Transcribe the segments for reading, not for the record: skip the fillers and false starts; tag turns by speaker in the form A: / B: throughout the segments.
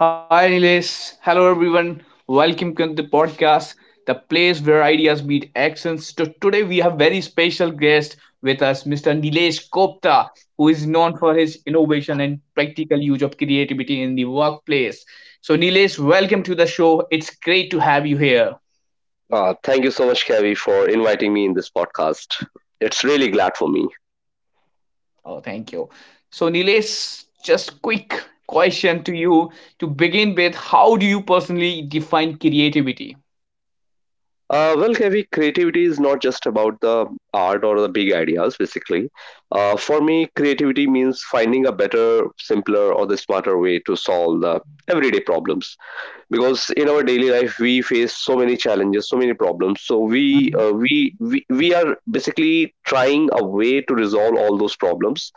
A: Hi, Nilesh. Hello, everyone. Welcome to the podcast, the place where ideas meet actions. So today we have very special guest with us, Mr. Nilesh Kopta, who is known for his innovation and practical use of creativity in the workplace. So, Nilesh, welcome to the show. It's great to have you here.
B: Thank you so much, Kavi, for inviting me in this podcast. It's really glad for me.
A: Oh, thank you. So, Nilesh, just quick question to you to begin with. How do you personally define creativity?
B: Well, Kavi, creativity is not just about the art or the big ideas, basically. For me, creativity means finding a better, simpler, or the smarter way to solve the everyday problems. Because in our daily life we face so many challenges, so many problems, so we are basically trying a way to resolve all those problems.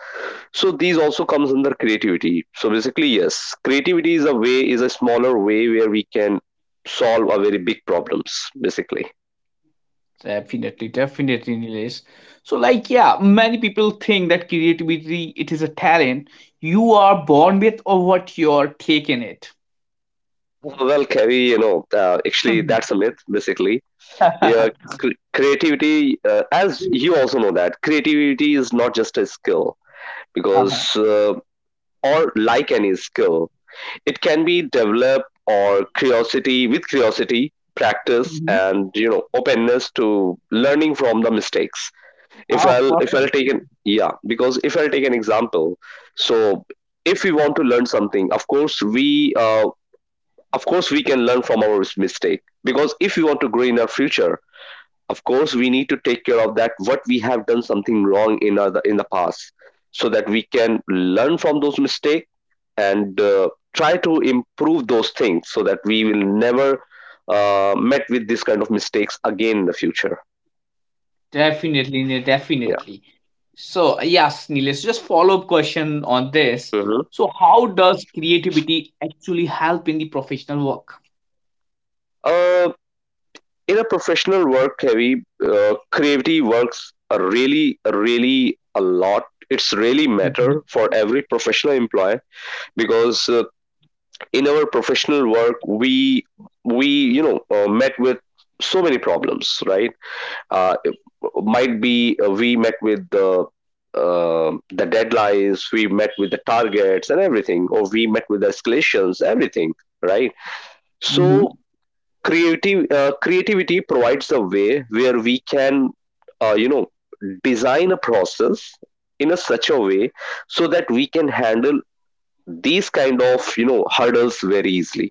B: So these also comes under creativity. So basically, yes, creativity is a way, is a smaller way where we can solve a very big problems, basically.
A: Definitely, definitely, Nilesh. So, like, yeah, many people think that creativity it is a talent you are born with or what you're taking it.
B: Well Kavi, you know, actually
A: Mhm.
B: that's a myth, basically. Yeah. Creativity, as you also know that creativity is not just a skill, because
A: Uh-huh.
B: or like any skill, it can be developed or curiosity with curiosity, practice,
A: Mhm.
B: and you know openness to learning from the mistakes.
A: Oh,
B: If I'll
A: perfect.
B: take an yeah, because if I'll take an example, so if we want to learn something, of course we can learn from our mistake, because if we want to grow in our future, of course we need to take care of that what we have done something wrong in other in the past, so that we can learn from those mistakes and try to improve those things so that we will never met with this kind of mistakes again in the future.
A: Definitely, Nilesh,
B: Yeah.
A: definitely. So, yes, Nilesh, so just follow up question on this.
B: Mhm.
A: So, how does creativity actually help in the professional work?
B: Uh, in a professional work, heavy creativity works a really, really a lot. It's really
A: Mhm.
B: matter for every professional employee, because in our professional work, we met with so many problems, right? It might be we met with the deadlines, we met with the targets and everything, or we met with the escalations everything, right? So
A: Mhm.
B: creative creativity provides a way where we can, you know, design a process in a such a way so that we can handle these kind of, you know, hurdles very easily.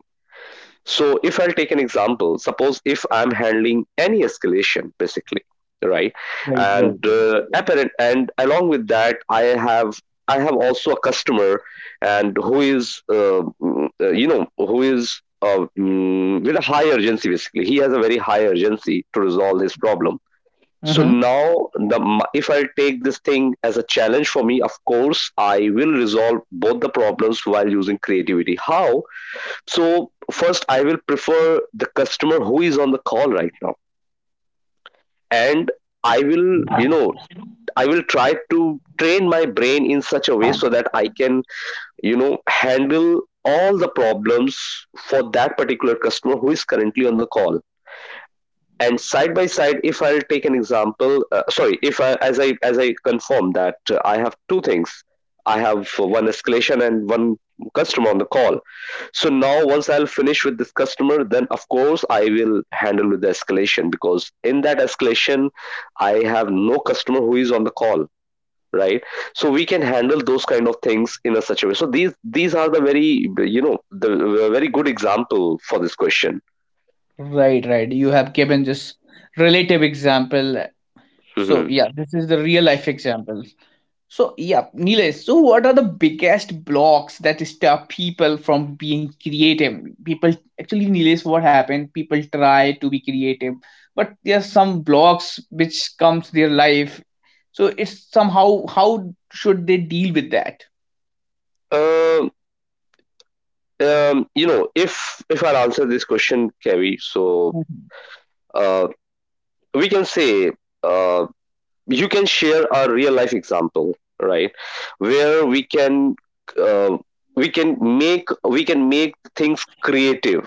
B: So if I'll take an example, suppose if I'm handling any escalation, basically, right,
A: Right, right,
B: and
A: right.
B: and along with that, I have also a customer, and who is you know, who is with a high urgency. Basically, he has a very high urgency to resolve his problem. So
A: Mm-hmm.
B: now, if I take this thing as a challenge for me, of course, I will resolve both the problems while using creativity. How? So first, I will prefer the customer who is on the call right now, and I will, you know, I will try to train my brain in such a way so that I can, you know, handle all the problems for that particular customer who is currently on the call. And side by side, if I'll take an example, sorry if I confirm that I have two things. I have one escalation and one customer on the call. So now once I'll finish with this customer, then of course I will handle with the escalation, because in that escalation I have no customer who is on the call, right? So we can handle those kind of things in a such a way. So these are the very, you know, the very good example for this question.
A: Right, right. You have given this relative example. So
B: Hmm.
A: yeah, this is the real life example. So yeah, Nilesh. So what are the biggest blocks that stop people from being creative? People actually, Nilesh, what happened? People try to be creative, but there's some blocks which comes their life. So it's somehow how should they deal with that?
B: uh you know, if I answer this question, Kevi, so
A: Mhm.
B: uh, we can say, uh, you can share a real life example, right, where we can, uh, we can make things creative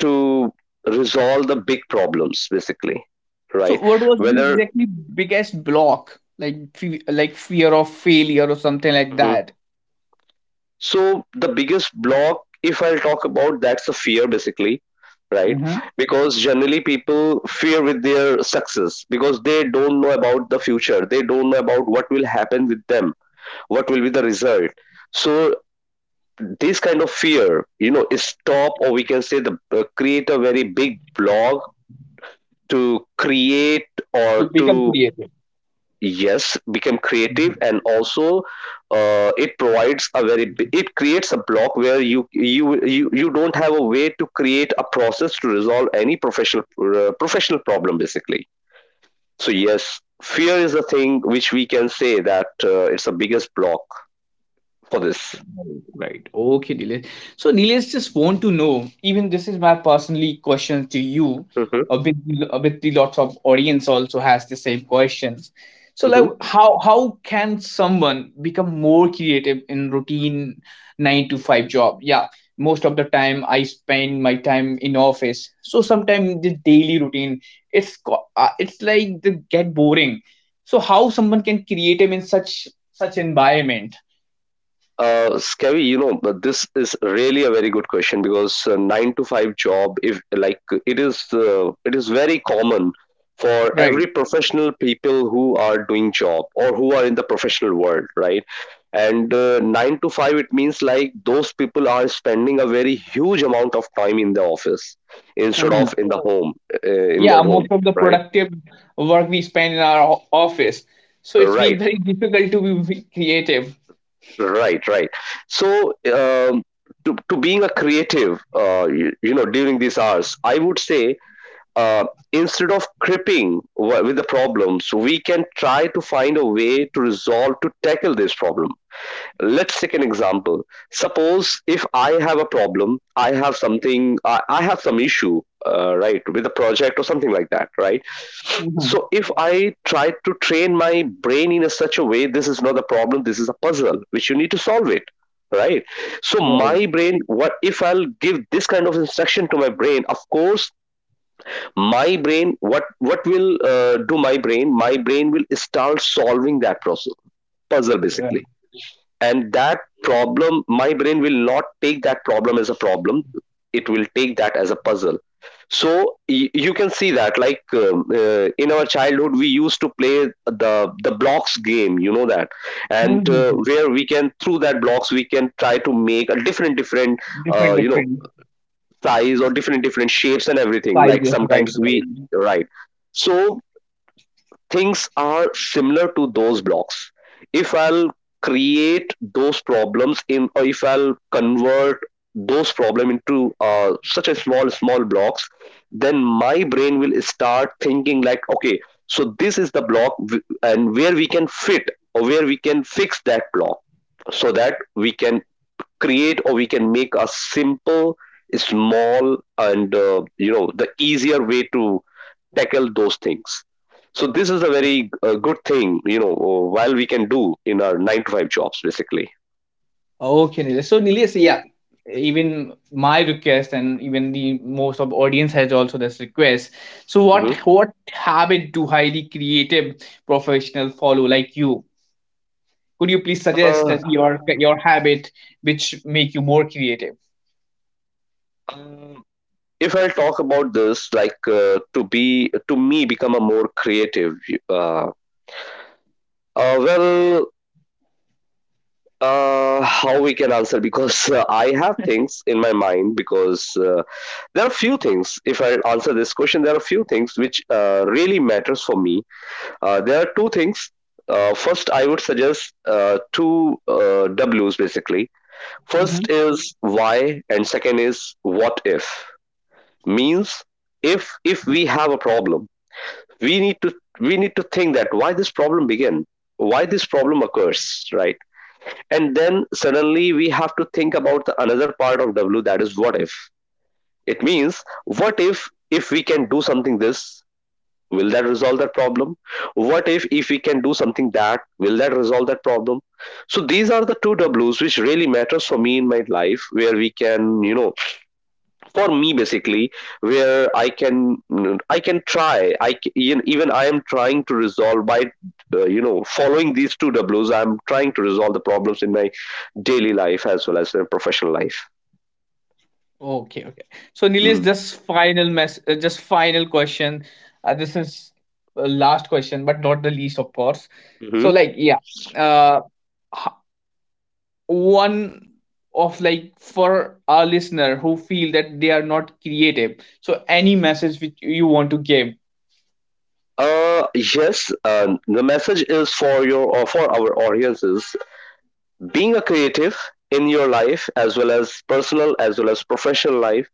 B: to resolve the big problems, basically,
A: So
B: right?
A: what was the
B: Whether.
A: exactly biggest block? Like like fear of failure or something like that.
B: So the biggest block, if I'll talk about, that's the fear, basically, right?
A: Hmm.
B: Because generally people fear with their success, because they don't know about the future. They don't know about what will happen with them, what will be the result. So this kind of fear, you know, is stop, or we can say the, create a very big block, to create
A: To
B: or
A: become
B: to,
A: creative.
B: yes, become creative. And also, it provides a very it creates a block where you don't have a way to create a process to resolve any professional professional problem, basically. So yes, fear is the thing which we can say that, it's the biggest block for this.
A: Right. Okay, Nilesh. So Nilesh just want to know, even this is my personally question to you,
B: Hmm.
A: a bit a bit the lots of audience also has the same questions. So like how can someone become more creative in routine nine to five job? Yeah. Most of the time I spend my time in office. So sometimes the daily routine, it's like the get boring. So how someone can creative in such environment?
B: Skevi, you know, but this is really a very good question, because nine to five job, if like it is very common for
A: Right.
B: every professional people who are doing job or who are in the professional world, right? And nine to five, it means like those people are spending a very huge amount of time in the office instead
A: Mm-hmm.
B: of in the home, in
A: Yeah,
B: their
A: most
B: home,
A: of the
B: right?
A: productive work we spend in our office, so it's been
B: Right.
A: very difficult to be creative.
B: Right, right. So, to being a creative, you, you know, during these hours, I would say, uh, instead of cripping with the problems, we can try to find a way to resolve, to tackle this problem. Let's take an example. Suppose if I have a problem, I have something, I have some issue, right, with a project or something like that, right?
A: Mhm.
B: So if I try to train my brain in a such a way, this is not a problem, this is a puzzle which you need to solve it, right? So my
A: Right,
B: brain, what if I'll give this kind of instruction to my brain, of course my brain, what will do, my brain will start solving that process, puzzle basically.
A: right.
B: And that problem, my brain will not take that problem as a problem, it will take that as a puzzle. So you can see that, like, in our childhood we used to play the blocks game, you know that. And
A: Mhm.
B: where we can through that blocks we can try to make a different different,
A: Different
B: you know,
A: different
B: size or different different shapes and everything, like
A: sizes, right,
B: sometimes
A: right.
B: we, right? So things are similar to those blocks. If I'll create those problems in, or if I'll convert those problem into such a small small blocks, then my brain will start thinking like, okay, so this is the block and where we can fit or where we can fix that block, so that we can create, or we can make a simple, small, and you know, the easier way to tackle those things. So this is a very good thing, you know, while we can do in our 9 to 5 jobs, basically.
A: Okay, Nilesh. So Nilesh, yeah, even my request and even the most of audience has also this request. So what
B: Hmm.
A: what habit do highly creative professional follow like you? Could you please suggest
B: uh,
A: that your habit which make you more creative?
B: um, if I'll talk about this, like, to be, to me become a more creative, uh, well, how we can answer, because I have things in my mind, because there are few things. If I answer this question, there are few things which really matters for me. There are two things. First, I would suggest two W's basically. First is why, and second is what if. Means if we have a problem, we need to we need to think that why this problem began, why this problem occurs, right? And then suddenly we have to think about the another part of W, that is what if. It means, what if we can do something this will that resolve that problem, what if we can do something that will that resolve that problem. So these are the two W's which really matters for me in my life, where we can, you know, for me basically, where I can, I can try, even even I am trying to resolve by, you know, following these two W's I'm trying to resolve the problems in my daily life as well as in professional life.
A: Okay, okay. So Nilesh,
B: Mm-hmm.
A: just final question. This is last question, but not the least, of course. So
B: Mm-hmm.
A: like, yeah, uh, h- one of like for our listener who feel that they are not creative. So any message which you want to give?
B: Uh, yes. The message is for your or for our audiences, being a creative in your life, as well as personal as well as professional life,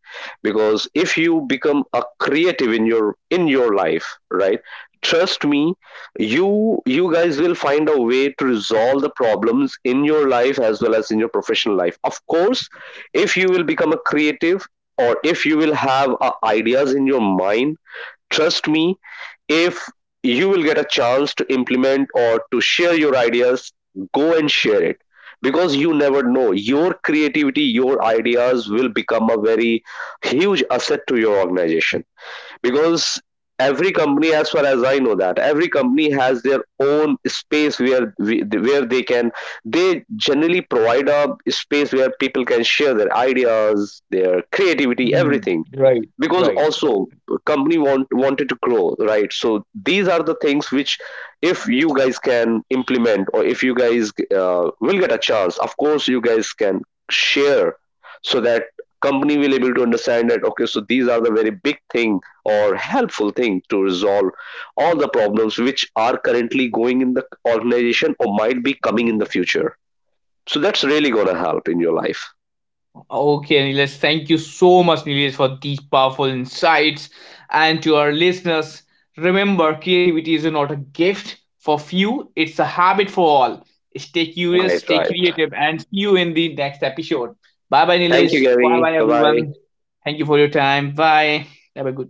B: because if you become a creative in your life, right, trust me, you you guys will find a way to resolve the problems in your life as well as in your professional life, of course. If you will become a creative, or if you will have ideas in your mind, trust me, if you will get a chance to implement or to share your ideas, go and share it, because you never know, your creativity, your ideas will become a very huge asset to your organization, because every company, as far as I know that every company has their own space where we, where they can, they generally provide a space where people can share their ideas, their creativity,
A: Hmm.
B: everything.
A: Right,
B: Because
A: right.
B: also company want wanted to grow, right? So these are the things which, if you guys can implement, or if you guys will get a chance, of course you guys can share, so that company will able to understand that, okay, so these are the very big thing or helpful thing to resolve all the problems which are currently going in the organization or might be coming in the future. So that's really going to help in your life.
A: Okay, Nilesh, thank you so much, Nilesh, for these powerful insights. And to our listeners, remember creativity is not a gift for few, it's a habit for all. Stay curious,
B: Right,
A: stay
B: right.
A: creative, and see you in the next episode. Bye bye,
B: Thank you,
A: Nilesh. Bye
B: Gary.
A: bye,
B: Bye bye.
A: everyone. Thank you for your time. Bye. Have a good